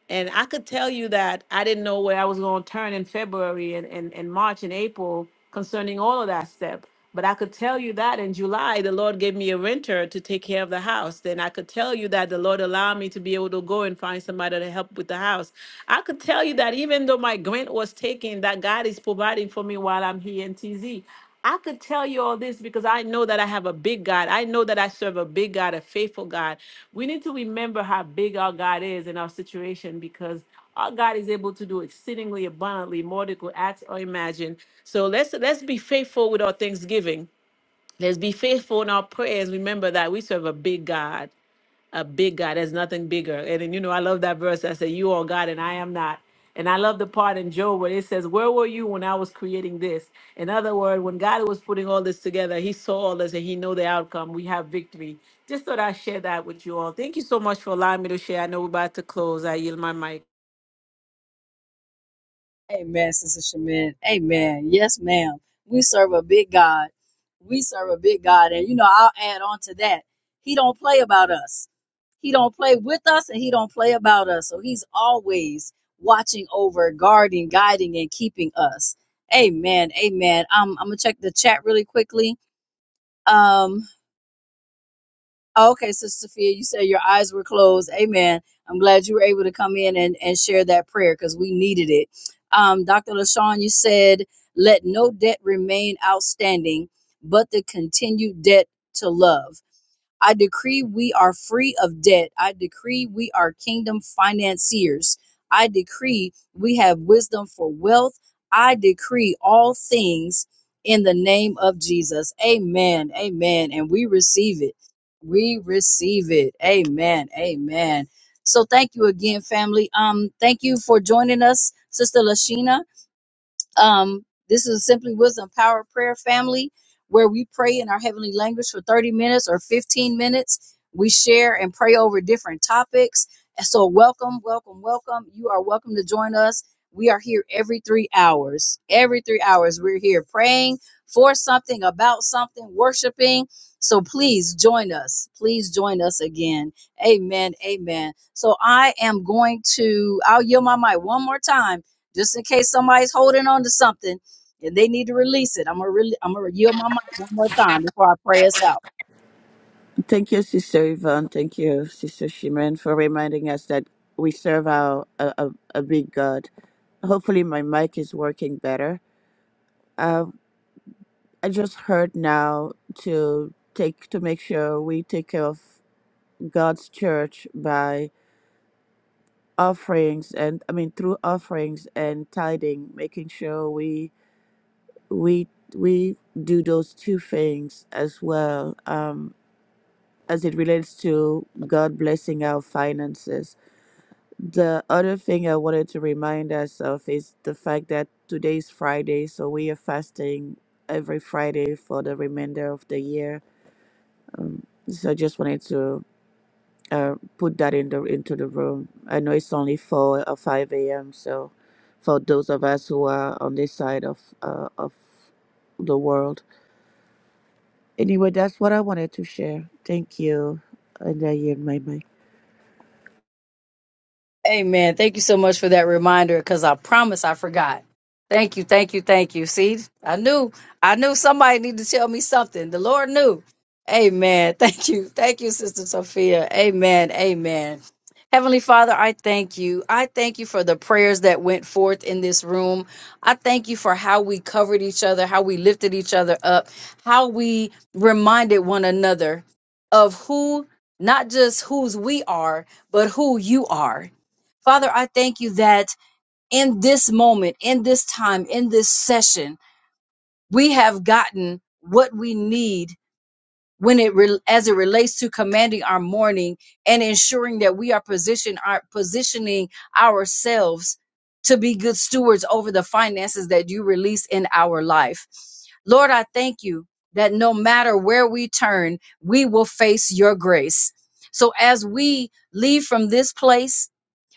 S4: And I could tell you that I didn't know where I was going to turn in February and, and, and March and April concerning all of that step. But I could tell you that in July, the Lord gave me a renter to take care of the house. Then I could tell you that the Lord allowed me to be able to go and find somebody to help with the house. I could tell you that even though my grant was taken, that God is providing for me while I'm here in TZ. I could tell you all this because I know that I have a big God. I know that I serve a big God, a faithful God we need to remember how big our God is in our situation because our God is able to do exceedingly abundantly more than we could ask or imagine. So let's let's be faithful with our thanksgiving. Let's be faithful in our prayers. Remember that we serve a big God a big God. There's nothing bigger. And, then you know, I love that verse. I said, You are God and I am not. And I love the part in Job where it says, Where were you when I was creating this? In other words, when God was putting all this together, he saw all this and he know the outcome. We have victory. Just thought I'd share that with you all. Thank you so much for allowing me to share. I know we're about to close. I yield my mic.
S1: Amen, Sister Shemin. Amen. Yes, ma'am. We serve a big God. We serve a big God. And you know, I'll add on to that. He don't play about us. He don't play with us and he don't play about us. So he's always watching over, guarding, guiding, and keeping us. Amen. Amen. Um, I'm gonna check the chat really quickly. Um. Oh, okay, Sister Sophia, you said your eyes were closed. Amen. I'm glad you were able to come in and, and share that prayer because we needed it. Um, Dr. LaShawn, you said, let no debt remain outstanding, but the continued debt to love. I decree we are free of debt. I decree we are kingdom financiers. I decree we have wisdom for wealth. I decree all things in the name of Jesus. Amen. Amen. And we receive it. We receive it. Amen. Amen. So thank you again, family. Um, thank you for joining us, Sister Lashina. Um, this is Simply Wisdom Power Prayer Family, where we pray in our heavenly language for 30 minutes or 15 minutes. We share and pray over different topics. And So, welcome, welcome, welcome. You are welcome to join us. We are here every three hours. Every three hours, we're here praying for something, about something, worshiping. So, please join us. Please join us again. Amen. Amen. So, I am going to, I'll yield my mic one more time just in case somebody's holding on to something and they need to release it. I'm gonna really, I'm gonna yield my mic one more time before I pray us out.
S3: Thank you, Sister Yvonne. Thank you, Sister Shimon, for reminding us that we serve our, a, a, a big God. Hopefully, my mic is working better. Uh, I just heard now to take to make sure we take care of God's church by offerings and I mean through offerings and tithing, making sure we we we do those two things as well um, as it relates to God blessing our finances The other thing I wanted to remind us of is the fact that today's Friday, so we are fasting every Friday for the remainder of the year. So I just wanted to uh, put that in the into the room. I know it's only four or five a.m. So for those of us who are on this side of uh, of the world, anyway, that's what I wanted to share. Thank you, and I yield my mic.
S1: Amen. Thank you so much for that reminder because I promise I forgot. Thank you, thank you, thank you. See, I knew, I knew somebody needed to tell me something. The Lord knew. Amen. Thank you. Thank you, Sister Sophia. Amen. Amen. Heavenly Father, I thank you. I thank you for the prayers that went forth in this room. I thank you for how we covered each other, how we lifted each other up, how we reminded one another of who, not just whose we are, but who you are Father, I thank you that in this moment, in this time, in this session, we have gotten what we need when it re- as it relates to commanding our morning and ensuring that we are position our positioning ourselves to be good stewards over the finances that you release in our life. Lord, I thank you that no matter where we turn, we will face your grace. So as we leave from this place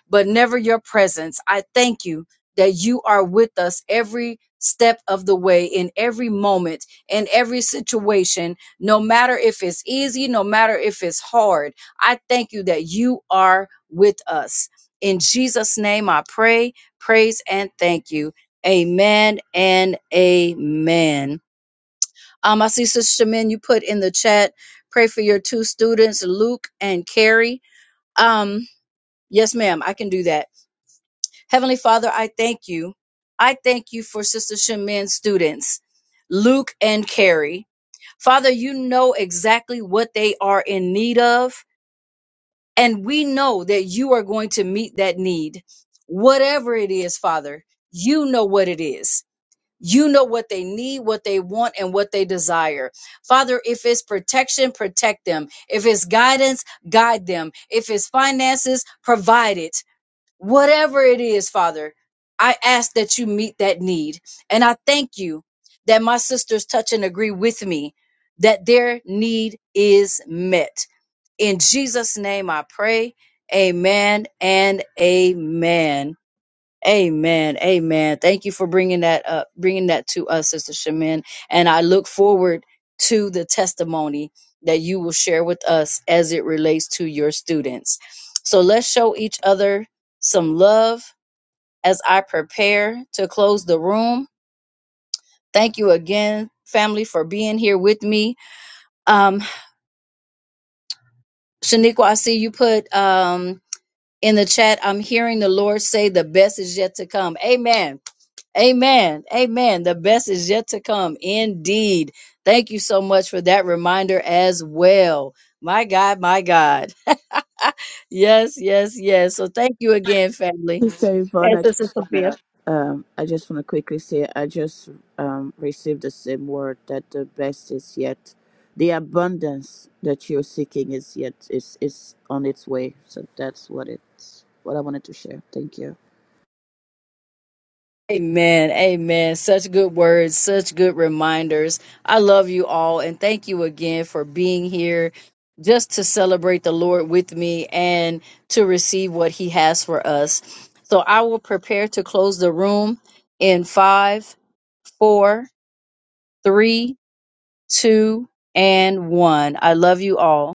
S1: but never your presence. I thank you that you are with us every step of the way, in every moment, in every situation, no matter if it's easy, no matter if it's hard. I thank you that you are with us. In Jesus' name, I pray, praise, and thank you. Amen and amen. Um, I see Sister Shamin, you put in the chat, pray for your two students, Luke and Carrie. Um, yes, ma'am, I can do that. Heavenly Father, I thank you. I thank you for Sister Shemin's students, Luke and Carrie. Father, you know exactly what they are in need of, and we know that you are going to meet that need. Whatever it is, Father, you know what it is. You know what they need, what they want, and what they desire. Father, if it's protection, protect them. If it's guidance, guide them. If it's finances, provide it whatever it is, Father, I ask that you meet that need. And I thank you that my sisters touch and agree with me that their need is met. In Jesus' name I pray. Amen and amen. Amen. Amen. Thank you for bringing that up, bringing that to us, Sister Shemin. And I look forward to the testimony that you will share with us as it relates to your students. So let's show each other some love as I prepare to close the room. Thank you again, family, for being here with me. Um, Shaniqua, I see you put um, in the chat. I'm hearing the Lord say the best is yet to come. Amen. Amen. Amen. The best is yet to come. Indeed. Thank you so much for that reminder as well. My God, my God. yes, yes, yes. So thank you again, family.
S3: Sister Yvonne,
S1: Yes,
S3: I
S1: Sister
S3: just
S1: Sophia.
S3: wanna um I just wanna quickly say I just um received the same word that the best is yet the abundance that you're seeking is yet is is on its way. So that's what it's what I wanted to share. Thank you.
S1: Amen. Amen. Such good words, such good reminders. I love you all and thank you again for being here just to celebrate the Lord with me and to receive what he has for us. So I will prepare to close the room in five, four, three, two, and one. I love you all.